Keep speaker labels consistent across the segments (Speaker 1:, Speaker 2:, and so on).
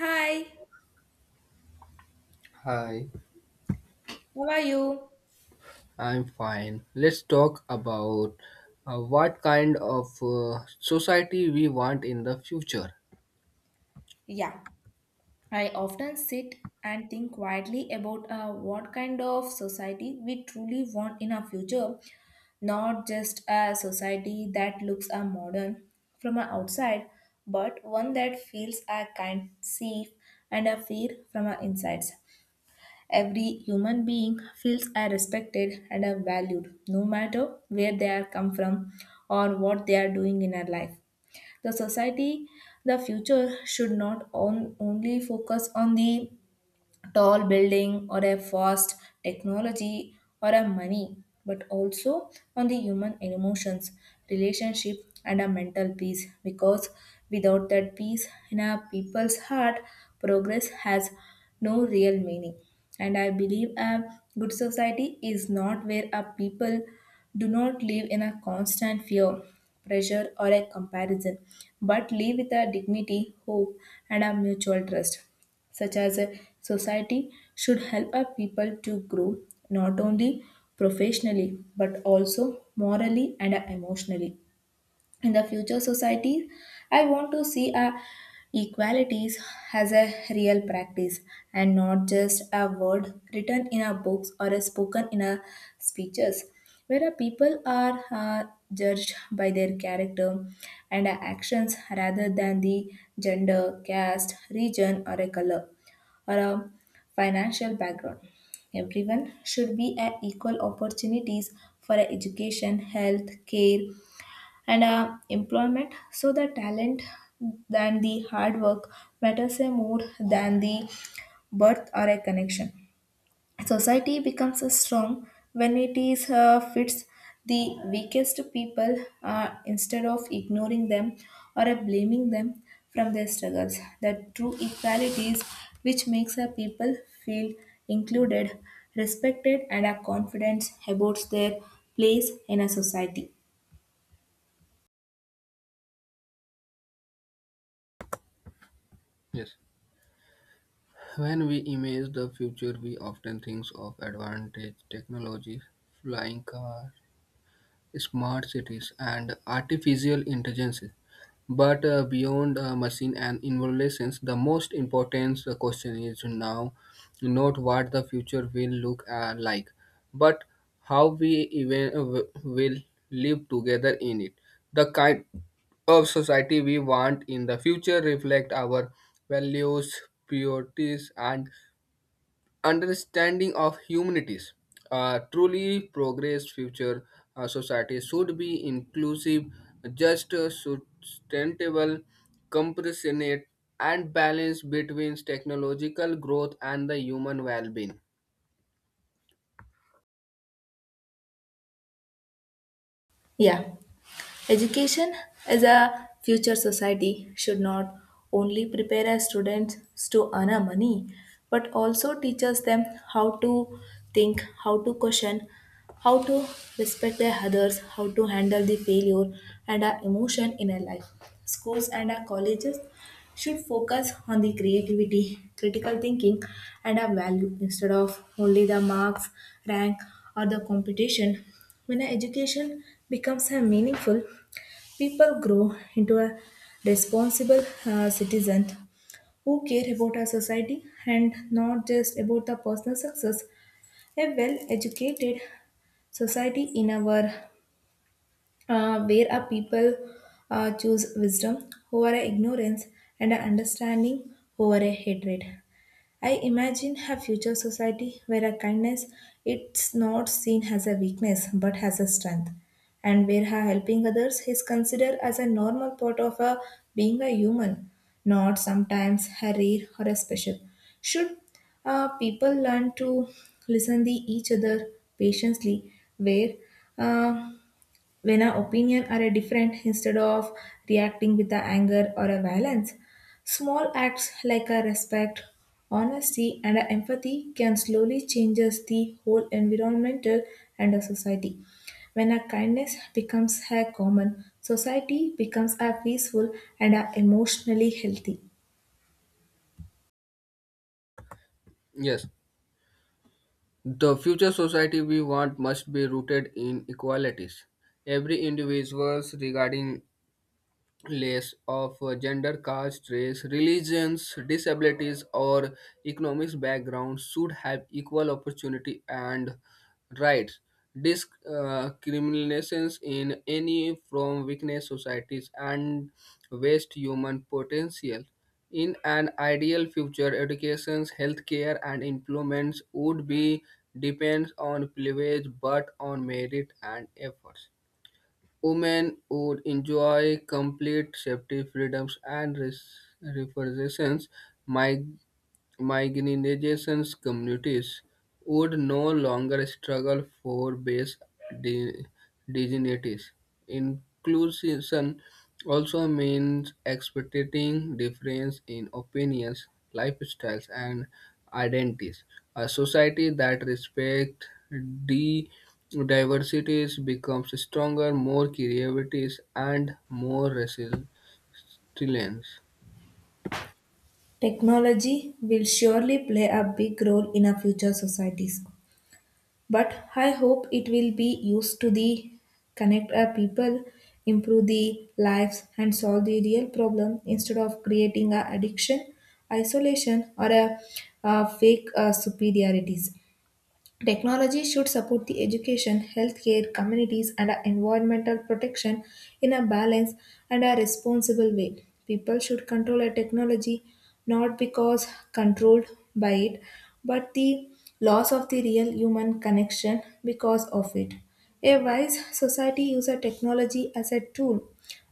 Speaker 1: Hi,
Speaker 2: Hi,
Speaker 1: how are you?
Speaker 2: I'm fine. Let's talk about what kind of society we want in the future.
Speaker 1: Yeah, I often sit and think quietly about what kind of society we truly want in our future, not just a society that looks modern from our outside, but one that feels a kind, safe, and a fear from our insides. Every human being feels are respected and are valued, no matter where they are come from or what they are doing in our life. The society the future should not only focus on the tall building or a fast technology or a money, but also on the human emotions, relationship, and a mental peace, because without that peace in a people's heart, progress has no real meaning. And I believe a good society is not where a people do not live in a constant fear, pressure, or a comparison, but live with a dignity, hope, and a mutual trust. Such as a society, should help our people to grow not only professionally but also morally and emotionally. In the future society, I want to see a equalities as a real practice and not just a word written in our books or a spoken in our speeches, where our people are judged by their character and our actions rather than the gender, caste, region, or a color, or a financial background. Everyone should be at equal opportunities for education, health care, and employment, so the talent than the hard work matters a more than the birth or a connection. Society becomes a strong when it is fits the weakest people, instead of ignoring them or blaming them from their struggles. The true equality is which makes a people feel included, respected, and are confident about their place in a society.
Speaker 2: Yes. When we imagine the future, we often think of advantage technology, flying cars, smart cities, and artificial intelligence. But beyond machine and evaluations, the most important question is now not what the future will look like, but how we even will live together in it. The kind of society we want in the future reflect our values, priorities, and understanding of humanities. A truly progress future society should be inclusive, just, sustainable, compassionate, and balanced between technological growth and the human well-being.
Speaker 1: Yeah. Education as a future society should not only prepare our students to earn our money, but also teaches them how to think, how to question, how to respect their others, how to handle the failure and our emotion in our life. Schools and our colleges should focus on the creativity, critical thinking, and our value instead of only the marks, rank, or the competition. When our education becomes a meaningful, people grow into a responsible citizen who care about our society and not just about the personal success. A well-educated society in our where our people choose wisdom over ignorance and understanding over a hatred. I imagine a future society where a kindness it's not seen as a weakness but as a strength, and where her helping others is considered as a normal part of her being a human, not sometimes a rare or a special. Should people learn to listen to each other patiently, where uh, when our opinion are a different instead of reacting with a anger or a violence. Small acts like a respect, honesty, and a empathy can slowly changes the whole environmental and a society. When a kindness becomes a common, society becomes a peaceful and a emotionally healthy.
Speaker 2: Yes, the future society we want must be rooted in equalities. Every individual, regarding less of gender, caste, race, religions, disabilities, or economics backgrounds should have equal opportunity and rights. Discriminations in any form weakness societies and waste human potential. In an ideal future, educations, healthcare, and employments would be depends on privilege but on merit and efforts. Women would enjoy complete safety, freedoms, and repressions. Marginalization communities would no longer struggle for base de- degeneracies. Inclusion also means expecting difference in opinions, lifestyles, and identities. A society that respects the diversities becomes stronger, more creative, and more resilient.
Speaker 1: Technology will surely play a big role in our future societies, but I hope it will be used to the connect our people, improve the lives, and solve the real problem instead of creating a addiction, isolation, or a fake superiorities. Technology should support the education, healthcare, communities, and our environmental protection in a balanced and a responsible way. People should control a technology not because controlled by it, but the loss of the real human connection because of it. A wise society uses technology as a tool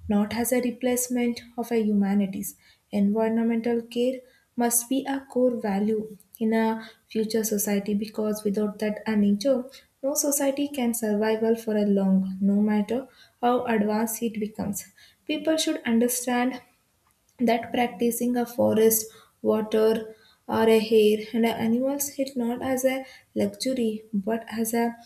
Speaker 1: not as a replacement of a humanities. Environmental care must be a core value in a future society because without that a nature, no society can survive well for a long, no matter how advanced it becomes. People should understand that practicing a forest, water, or a hare and a animals hit not as a luxury but as a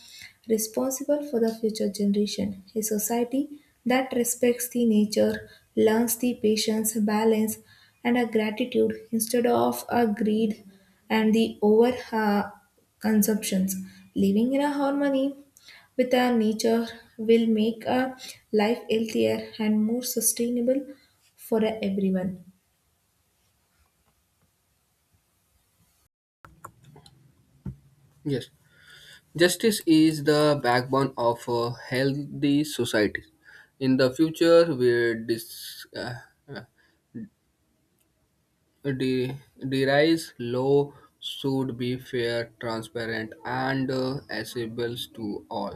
Speaker 1: responsible for the future generation. A society that respects the nature learns the patience, balance, and a gratitude instead of a greed and the over consumptions. Living in a harmony with our nature will make our life healthier and more sustainable for everyone.
Speaker 2: Yes. Justice is the backbone of a healthy society. In the future, where uh, de- derives law should be fair, transparent, and accessible to all.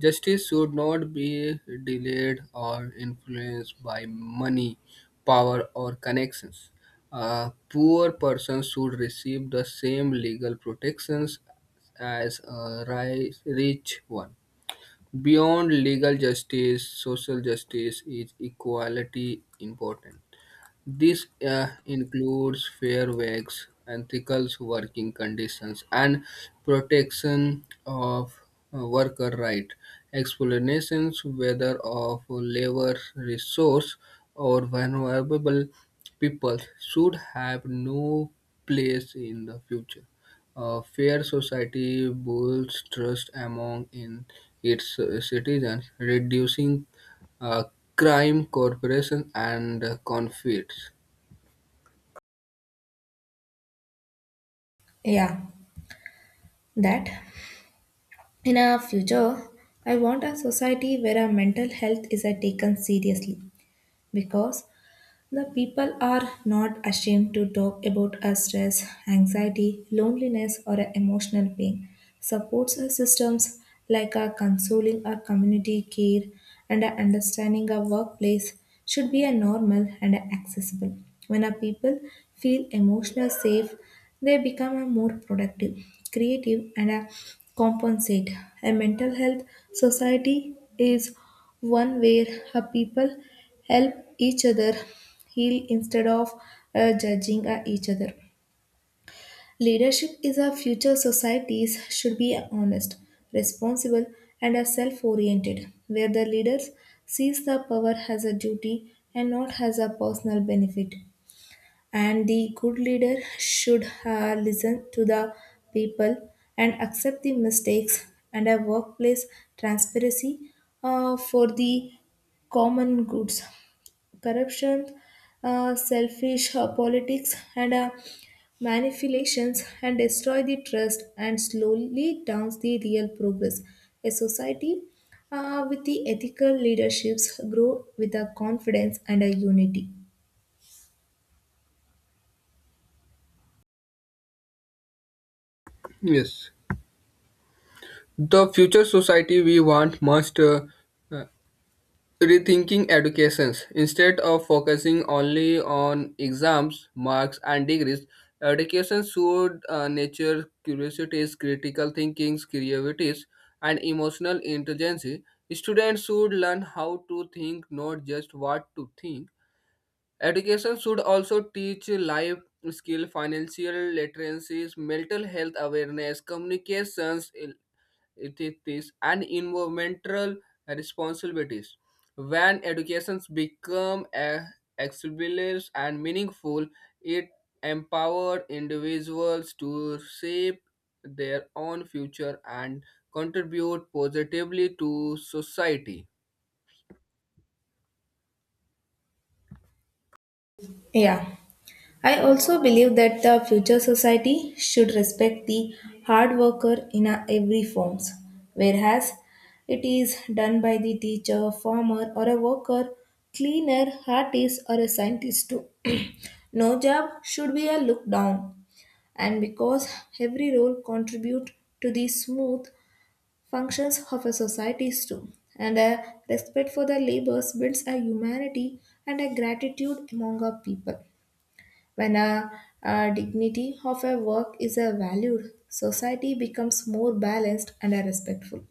Speaker 2: Justice should not be delayed or influenced by money, power, or connections. A poor person should receive the same legal protections as a rich one. Beyond legal justice, social justice is equality important. This includes fair wages, ethical working conditions, and protection of worker rights. Explanations whether of labor resource or vulnerable people should have no place in the future. A fair society builds trust among in its citizens, reducing uh, crime, corruption, and conflicts.
Speaker 1: Yeah, that. In a future, I want a society where our mental health is taken seriously, because the people are not ashamed to talk about a stress, anxiety, loneliness, or a emotional pain. Supports are systems like a consoling or community care and a understanding a workplace should be a normal and a accessible. When a people feel emotional safe, they become a more productive, creative, and a compensate. A mental health society is one where a people help each other heal instead of judging each other. Leadership is our future societies should be honest, responsible, and are self-oriented, where the leaders sees the power as a duty and not as a personal benefit. And the good leader should listen to the people and accept the mistakes and a workplace transparency for the common goods, corruption, selfish politics, and manipulations and destroy the trust and slowly downs the real progress. A society with the ethical leaderships grow with a confidence and a unity.
Speaker 2: Yes, the future society we want must uh, rethinking educations instead of focusing only on exams, marks, and degrees. Education should nurture curiosities, critical thinking, creativities, and emotional intelligence. Students should learn how to think, not just what to think. Education should also teach life skill, financial literacies, mental health awareness, communications, it is this, and environmental responsibilities. When educations become accessible and meaningful, it empowers individuals to shape their own future and contribute positively to society.
Speaker 1: Yeah. I also believe that the future society should respect the hard worker in a- every forms, whereas it is done by the teacher, farmer, or a worker, cleaner, artist, or a scientist too. No job should be a look down, and because every role contribute to the smooth functions of a society too. And a respect for the labors builds a humanity and a gratitude among our people. When a dignity of a work is a valued, society becomes more balanced and a respectful.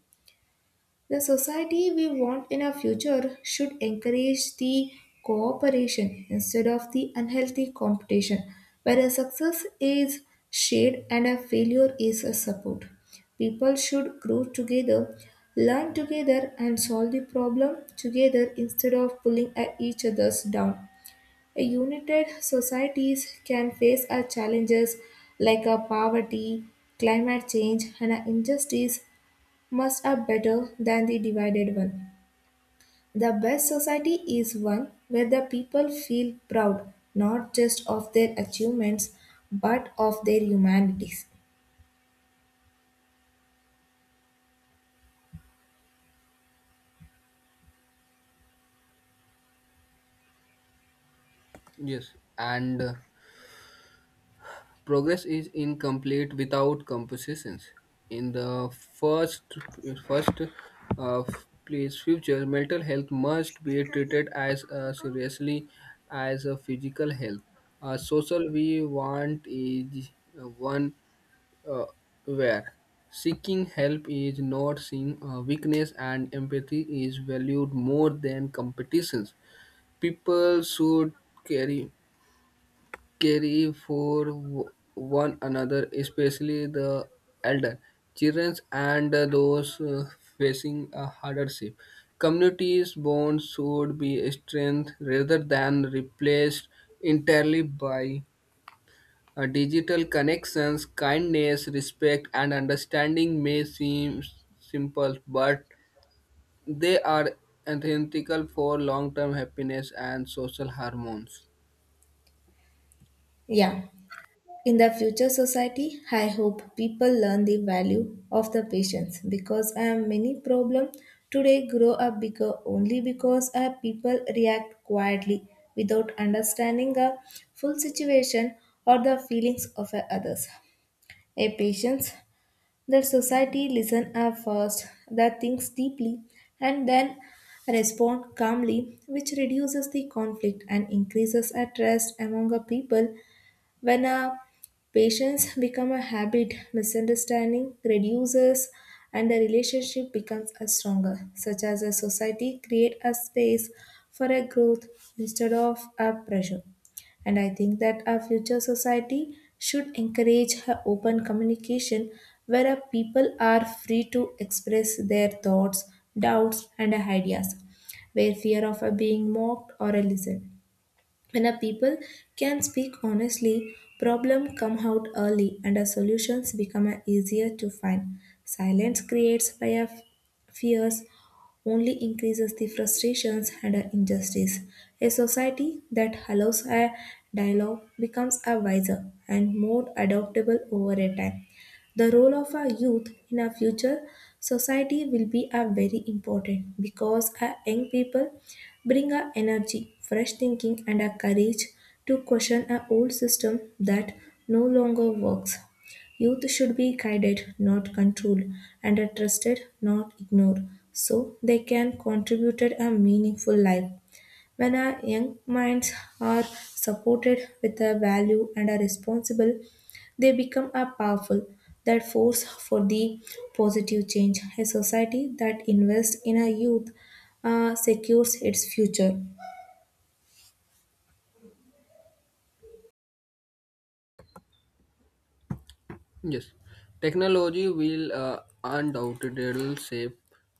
Speaker 1: The society we want in our future should encourage the cooperation instead of the unhealthy competition, where a success is shared and a failure is a support. People should grow together, learn together, and solve the problem together instead of pulling at each other's down. United societies can face our challenges like a poverty, climate change, and our injustice must are better than the divided one. The best society is one where the people feel proud not just of their achievements but of their humanities.
Speaker 2: Yes, and. Progress is incomplete without compositions. In the first uh, place future, mental health must be treated as seriously as a physical health. A social we want is one uh, where seeking help is not seen, weakness and empathy is valued more than competitions. People should carry care for one another, especially the elder, children, and those facing a hardship. Communities' bonds should be strengthened rather than replaced entirely by digital connections. Kindness, respect, and understanding may seem simple, but they are essential for long-term happiness and social harmony.
Speaker 1: Yeah. In the future society, I hope people learn the value of the patience, because I am many problem today grow up bigger only because our people react quietly without understanding the full situation or the feelings of a others. A patience that society listen are first, that thinks deeply and then respond calmly, which reduces the conflict and increases a trust among the people. When a patience become a habit, misunderstanding reduces and the relationship becomes a stronger, such as a society create a space for a growth instead of a pressure. And I think that our future society should encourage a open communication, where our people are free to express their thoughts, doubts, and ideas, where fear of a being mocked or a listened. When a people can speak honestly, problems come out early and a solutions become a easier to find. Silence creates by a fears only increases the frustrations and a injustice. A society that allows a dialogue becomes a wiser and more adaptable over a time. The role of a youth in our future society will be a very important, because our young people bring a energy, fresh thinking, and a courage to question an old system that no longer works. Youth should be guided, not controlled, and are trusted, not ignored, so they can contribute a meaningful life. When our young minds are supported with a value and are responsible, they become a powerful that force for the positive change. A society that invests in a youth secures its future.
Speaker 2: Yes, technology will undoubtedly shape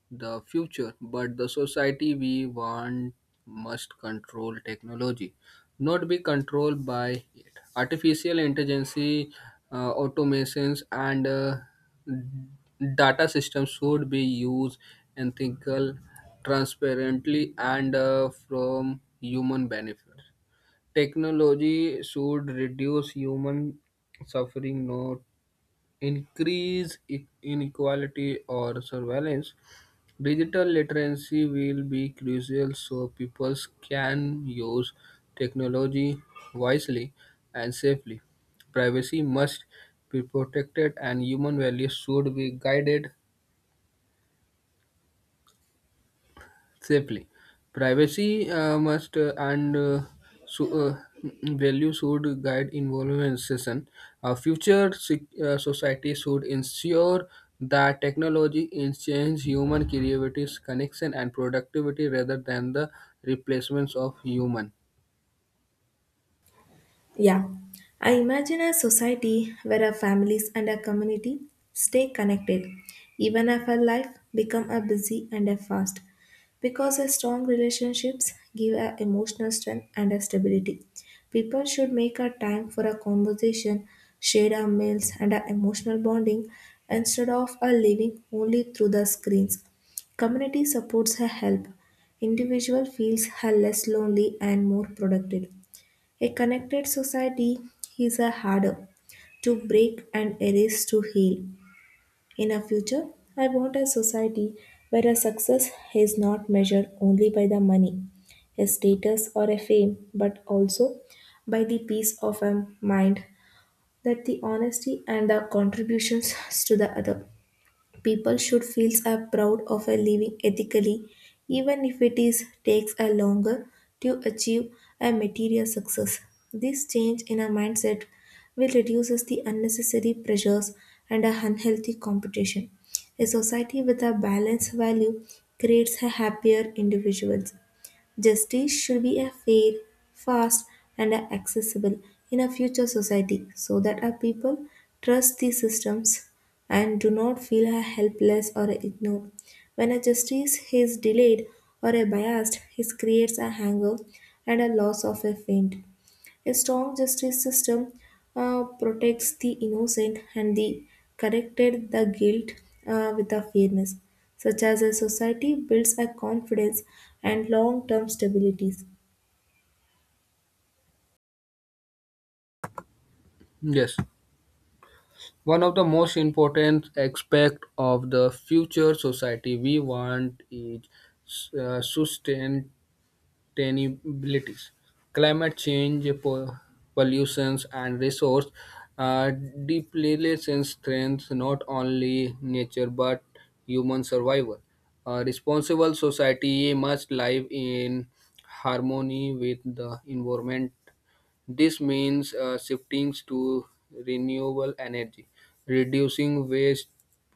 Speaker 2: the future, but the society we want must control technology, not be controlled by it. Artificial intelligence, automations, and data systems should be used ethical, transparently, and from human benefit. Technology should reduce human suffering, not increase inequality or surveillance. Digital literacy will be crucial so people can use technology wisely and safely. Privacy must be protected and human values should be guided safely. Privacy must so, uh, value should guide involvement session. A future society should ensure that technology enhances human creativity, connection, and productivity rather than the replacements of human.
Speaker 1: Yeah, I imagine a society where our families and our community stay connected, even if our life become a busy and a fast, because a strong relationships give a emotional strength and a stability. People should make a time for a conversation, share our meals and our emotional bonding, instead of a living only through the screens. Community supports her help. Individual feels her less lonely and more productive. A connected society is a harder to break and erase to heal. In a future, I want a society where a success is not measured only by the money, a status or a fame, but also by the peace of a mind that the honesty and the contributions to the other. People should feel are proud of a living ethically, even if it is takes a longer to achieve a material success. This change in our mindset will reduces the unnecessary pressures and a unhealthy competition. A society with a balanced value creates a happier individuals. Justice should be a fair, fast, and a accessible in a future society so that our people trust these systems and do not feel a helpless or ignored. When a justice is delayed or a biased, it creates a hangover and a loss of a faint. A strong justice system protects the innocent and the corrected the guilt with a fairness, such as a society builds a confidence and long-term stabilities.
Speaker 2: Yes, one of the most important aspect of the future society we want is sustained sustainabilities, climate change, pollutions, and resource uh, depletion threatens not only nature but human survival. A responsible society must live in harmony with the environment. This means shifting to renewable energy, reducing waste,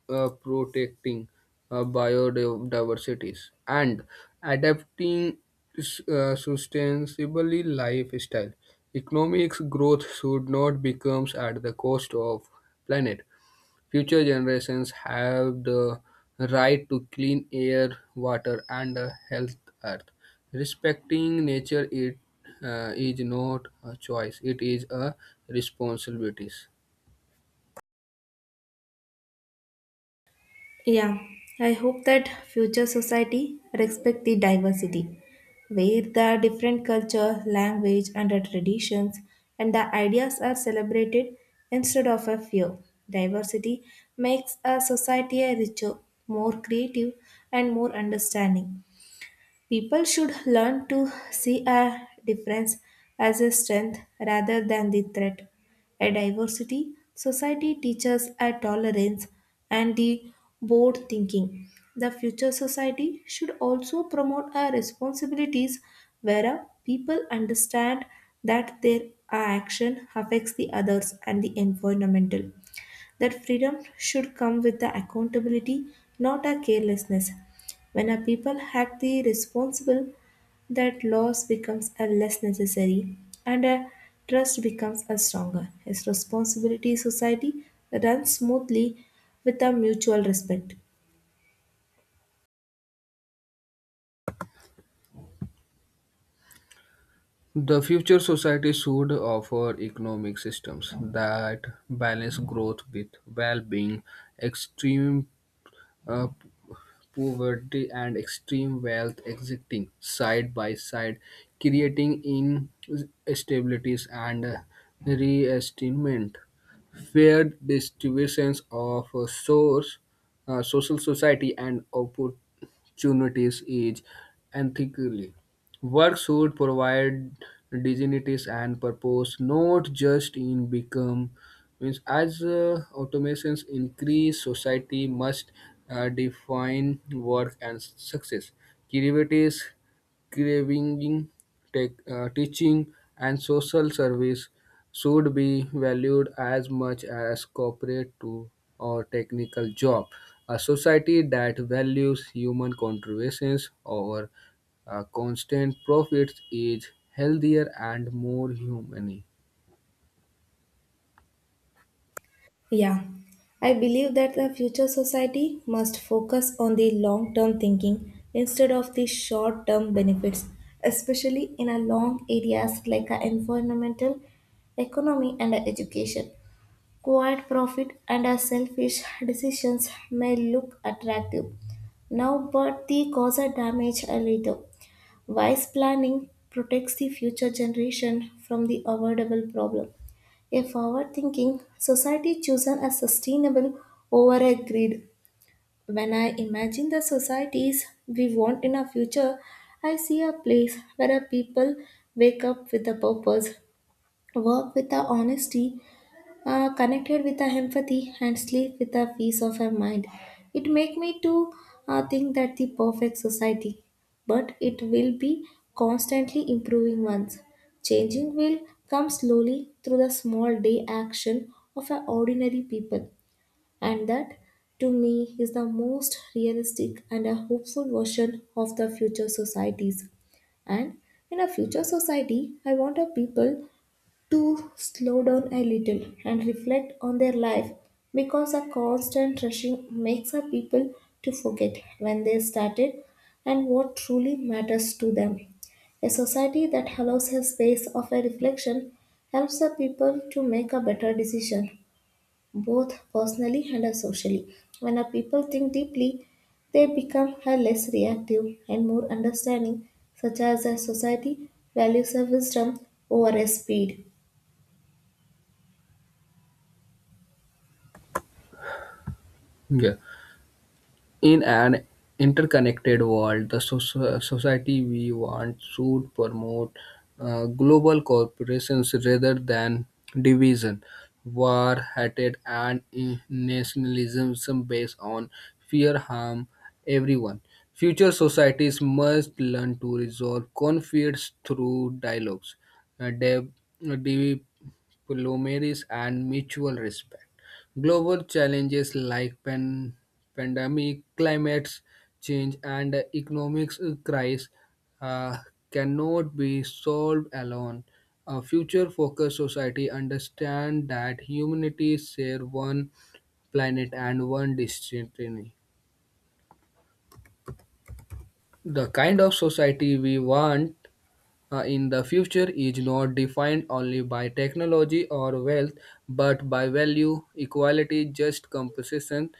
Speaker 2: protecting biodiversity, and adapting sustainably lifestyle. Economic growth should not become at the cost of planet. Future generations have the right to clean air, water, and a health earth. Respecting nature is not a choice, it is a responsibility.
Speaker 1: Yeah, I hope that future society respect the diversity, where the different culture, language, and the traditions and the ideas are celebrated instead of a fear. Diversity makes a society a richer, more creative, and more understanding. People should learn to see a difference as a strength rather than the threat. A diversity society teaches a tolerance and the bold thinking. The future society should also promote our responsibilities where people understand that their action affects the others and the environmental. That freedom should come with the accountability, not a carelessness. When a people had the responsible, that loss becomes a less necessary and a trust becomes a stronger. As responsibility society runs smoothly with a mutual respect.
Speaker 2: The future society should offer economic systems that balance growth with well being. Extreme uh, poverty and extreme wealth existing side by side, creating instabilities and reestimate. Fair distributions of source, social society, and opportunities is ethically. Work should provide dignities and purpose, not just in become. Means as automations increase, society must define work and success. Creativities, craving, teaching, and social service should be valued as much as corporate to or technical job. A society that values human contributions over constant profits is healthier and more humane.
Speaker 1: Yeah, I believe that the future society must focus on the long term thinking instead of the short term benefits, especially in a long areas like a environmental, economy, and a education. Quiet profit and a selfish decisions may look attractive now, but they cause a damage a little. Wise planning protects the future generation from the avoidable problem. A forward thinking society chosen as sustainable over a grid. When I imagine the societies we want in our future, I see a place where our people wake up with a purpose, work with a honesty, connected with a empathy and sleep with a peace of a mind. It make me to think that the perfect society, but it will be constantly improving ones. Changing will come slowly through the small day action of a ordinary people, and that to me is the most realistic and a hopeful version of the future societies. And in a future society, I want a people to slow down a little and reflect on their life because a constant rushing makes our people to forget when they started and what truly matters to them. A society that allows a space of a reflection helps the people to make a better decision, both personally and socially. When our people think deeply, they become a less reactive and more understanding, such as a society values a wisdom over a speed.
Speaker 2: Yeah. In an interconnected world, the society we want should promote global cooperations rather than division, war, hatred, and nationalism based on fear harm everyone. Future societies must learn to resolve conflicts through dialogues, uh, deb- diplomacy, and mutual respect. Global challenges like pandemic, climate change, and economic crisis uh, cannot be solved alone. A future-focused society understands that humanity share one planet and one destiny. The kind of society we want in the future is not defined only by technology or wealth, but by value, equality, just compensation,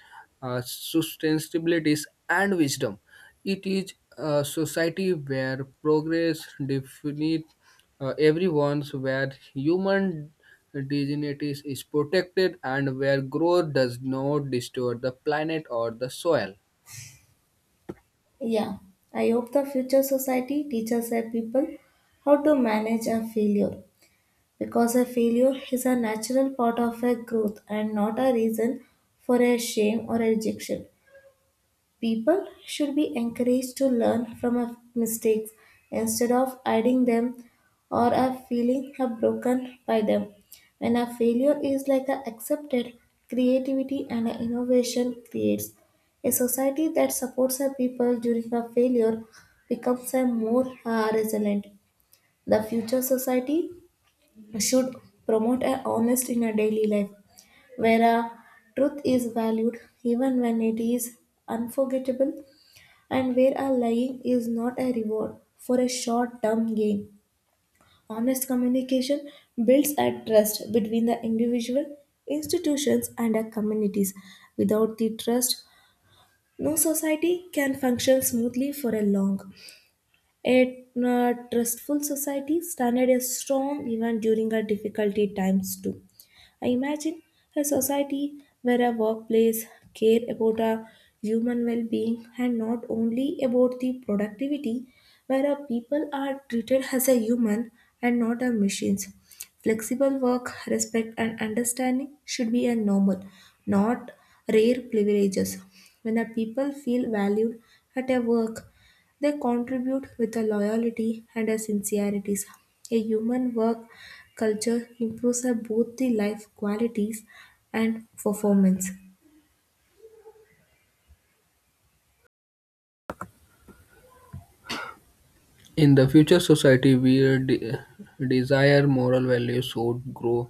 Speaker 2: sustainability, and wisdom. It is a society where progress defines everyone's, where human dignity is protected, and where growth does not distort the planet or the soil.
Speaker 1: Yeah, I hope the future society teaches our people how to manage a failure because a failure is a natural part of a growth and not a reason for a shame or a rejection. People should be encouraged to learn from our mistakes instead of hiding them or are feeling are broken by them. When a failure is like a accepted, creativity and a innovation creates. A society that supports our people during a failure becomes a more resilient. The future society should promote a honest in a daily life, where a truth is valued even when it is unforgettable and where a lying is not a reward for a short term gain. Honest communication builds a trust between the individual, institutions, and the communities. Without the trust, no society can function smoothly for a long. A trustful society standard is strong even during our difficulty times too. I imagine a society where a workplace care about our human well-being and not only about the productivity, where our people are treated as a human and not a machines. Flexible work, respect and understanding should be a normal, not rare privileges. When a people feel valued at a work, they contribute with a loyalty and a sincerity. A human work culture improves both the life qualities and performance.
Speaker 2: In the future society, we de- desire moral values should grow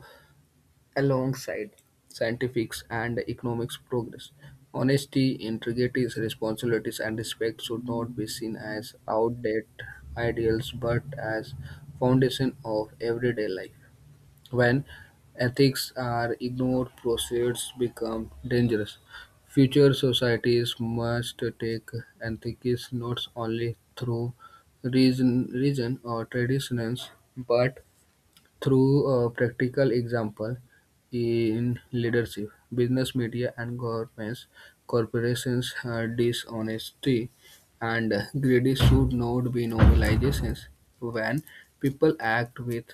Speaker 2: alongside scientific and economic progress. Honesty, integrity, responsibilities, and respect should not be seen as outdated ideals but as foundation of everyday life. When ethics are ignored, proceeds become dangerous. Future societies must take ethics not only through reason or traditions but through a practical example in leadership, business, media, and governments, corporations, dishonesty, and greed should not be normalizations. When people act with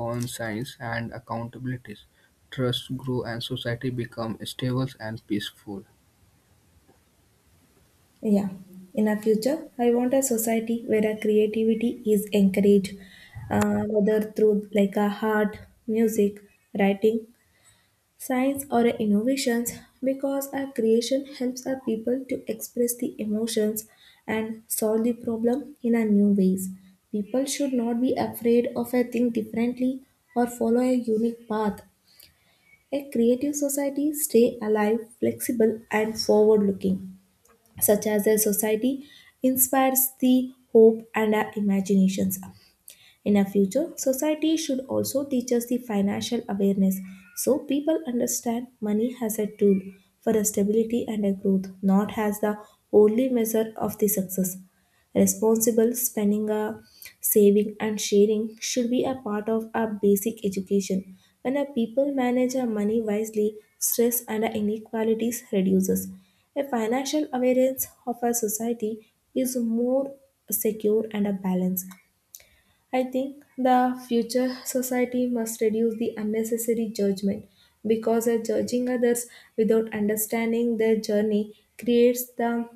Speaker 2: conscience and accountability, trust grows and society becomes stable and peaceful.
Speaker 1: Yeah. In our future, I want a society where our creativity is encouraged, whether through like a art, music, writing, science or innovations because a creation helps our people to express the emotions and solve the problem in a new ways people should not be afraid of a thing differently or follow a unique path a creative society stay alive flexible and forward looking such as a society inspires the hope and our imaginations in a future, society should also teach us the financial awareness so people understand money as a tool for a stability and a growth, not as the only measure of the success. Responsible spending, saving, and sharing should be a part of our basic education. When a people manage our money wisely, stress and inequalities reduces. A financial awareness of our society is more secure and a balance. I think the future society must reduce the unnecessary judgment because judging others without understanding their journey creates the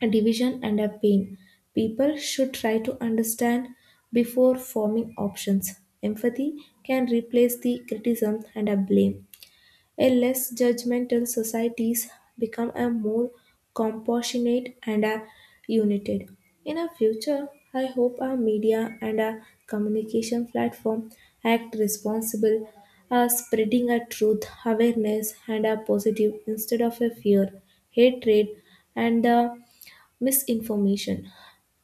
Speaker 1: division and a pain. People should try to understand before forming options. Empathy can replace the criticism and a blame. A less judgmental societies become a more compassionate and a united. In a future, I hope our media and our communication platform act responsible, spreading a truth, awareness, and a positive instead of a fear, hatred, and misinformation.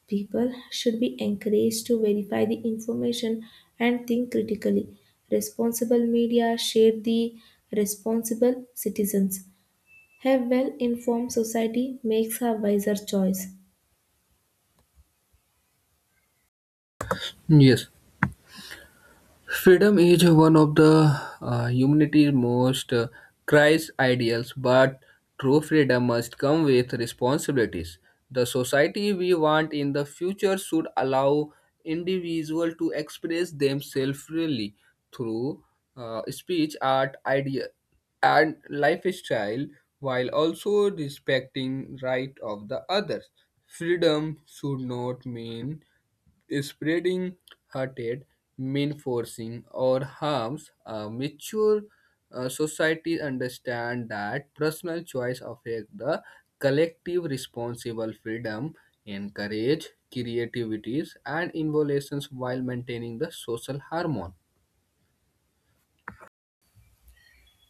Speaker 1: People should be encouraged to verify the information and think critically. Responsible media shape the responsible citizens. A well informed society makes a wiser choice.
Speaker 2: Yes, freedom is one of the humanity's most prized ideals, but true freedom must come with responsibilities. The society we want in the future should allow individuals to express themselves freely through speech, art, idea, and lifestyle, while also respecting right of the others. Freedom should not mean spreading hearted mean forcing or harms a mature society understand that personal choice affect the collective responsible freedom encourage creativities and innovations while maintaining the social harmony.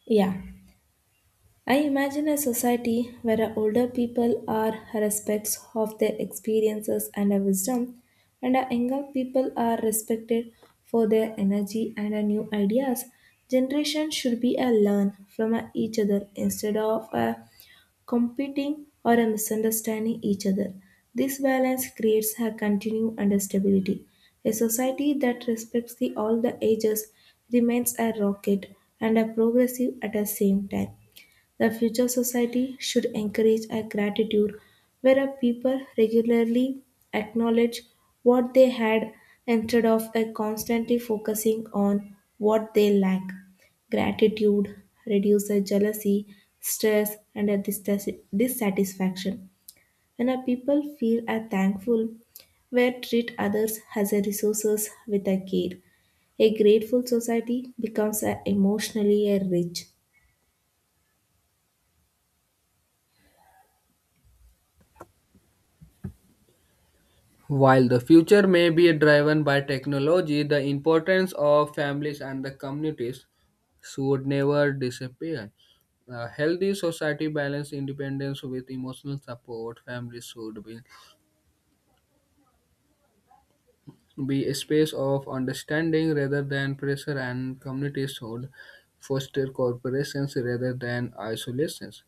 Speaker 1: Yeah. I imagine a society where our older people are respects of their experiences and our wisdom, and our younger people are respected for their energy and our new ideas. Generation should be a learn from a each other instead of a competing or a misunderstanding each other. This balance creates a continuum and stability. A society that respects the all the ages remains a rocket and a progressive at the same time. The future society should encourage a gratitude where a people regularly acknowledge what they had instead of a constantly focusing on what they lack. Gratitude reduces jealousy, stress, and a dissatisfaction. When a people feel a thankful, where treat others as a resources with a care. A grateful society becomes a emotionally a rich.
Speaker 2: While the future may be driven by technology, the importance of families and the communities should never disappear. A healthy society balance independence with emotional support. Families should be a space of understanding rather than pressure, and communities should foster cooperations rather than isolations.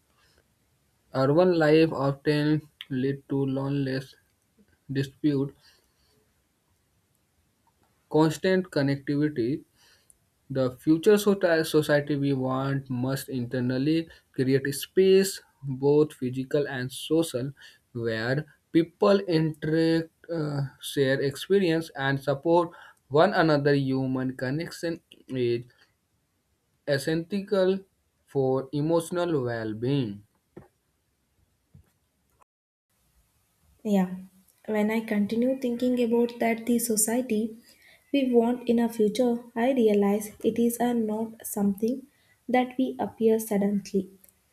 Speaker 2: Urban life often lead to loneliness, dispute, constant connectivity. The society we want must internally create a space, both physical and social, where people interact, share experience, and support one another. Human connection is essential for emotional well being.
Speaker 1: Yeah, when I continue thinking about that the society we want in our future, I realize it is a not something that we appear suddenly,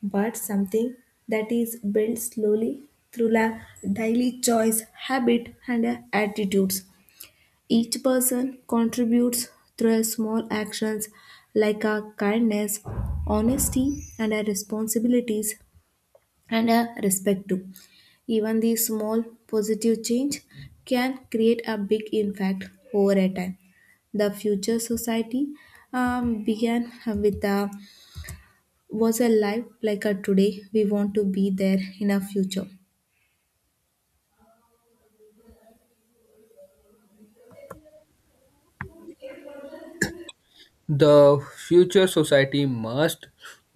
Speaker 1: but something that is built slowly through daily choice, habit, and attitudes. Each person contributes through a small actions like a kindness, honesty, and a responsibilities and a respect too. Even the small positive change can create a big impact over a time. The future society began with a was alive like a today. We want to be there in a future.
Speaker 2: The future society must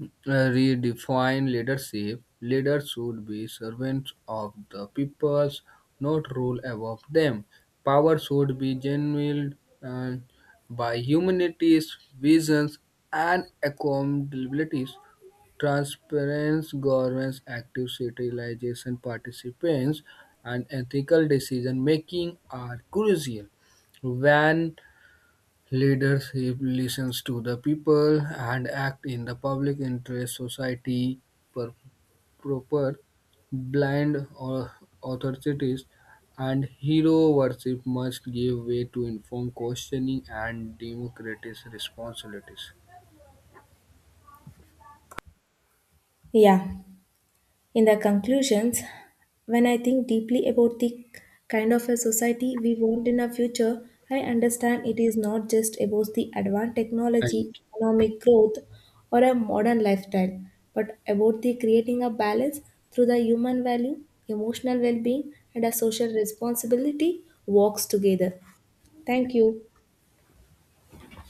Speaker 2: redefine leadership. Leaders should be servants of the peoples, not rule above them. Power should be genuined uh, by humanity's visions, and accountabilities. Transparency governs active civilization participants, and ethical decision making are crucial. When leadership listens to the people and act in the public interest, society per- proper blind or authorities and hero worship must give way to informed questioning and democratic responsibilities.
Speaker 1: Yeah. In the conclusions, when I think deeply about the kind of a society we want in our future, I understand it is not just about the advanced technology, economic growth, or a modern lifestyle, but about the creating a balance through the human value, emotional well being, and a social responsibility works together. Thank you.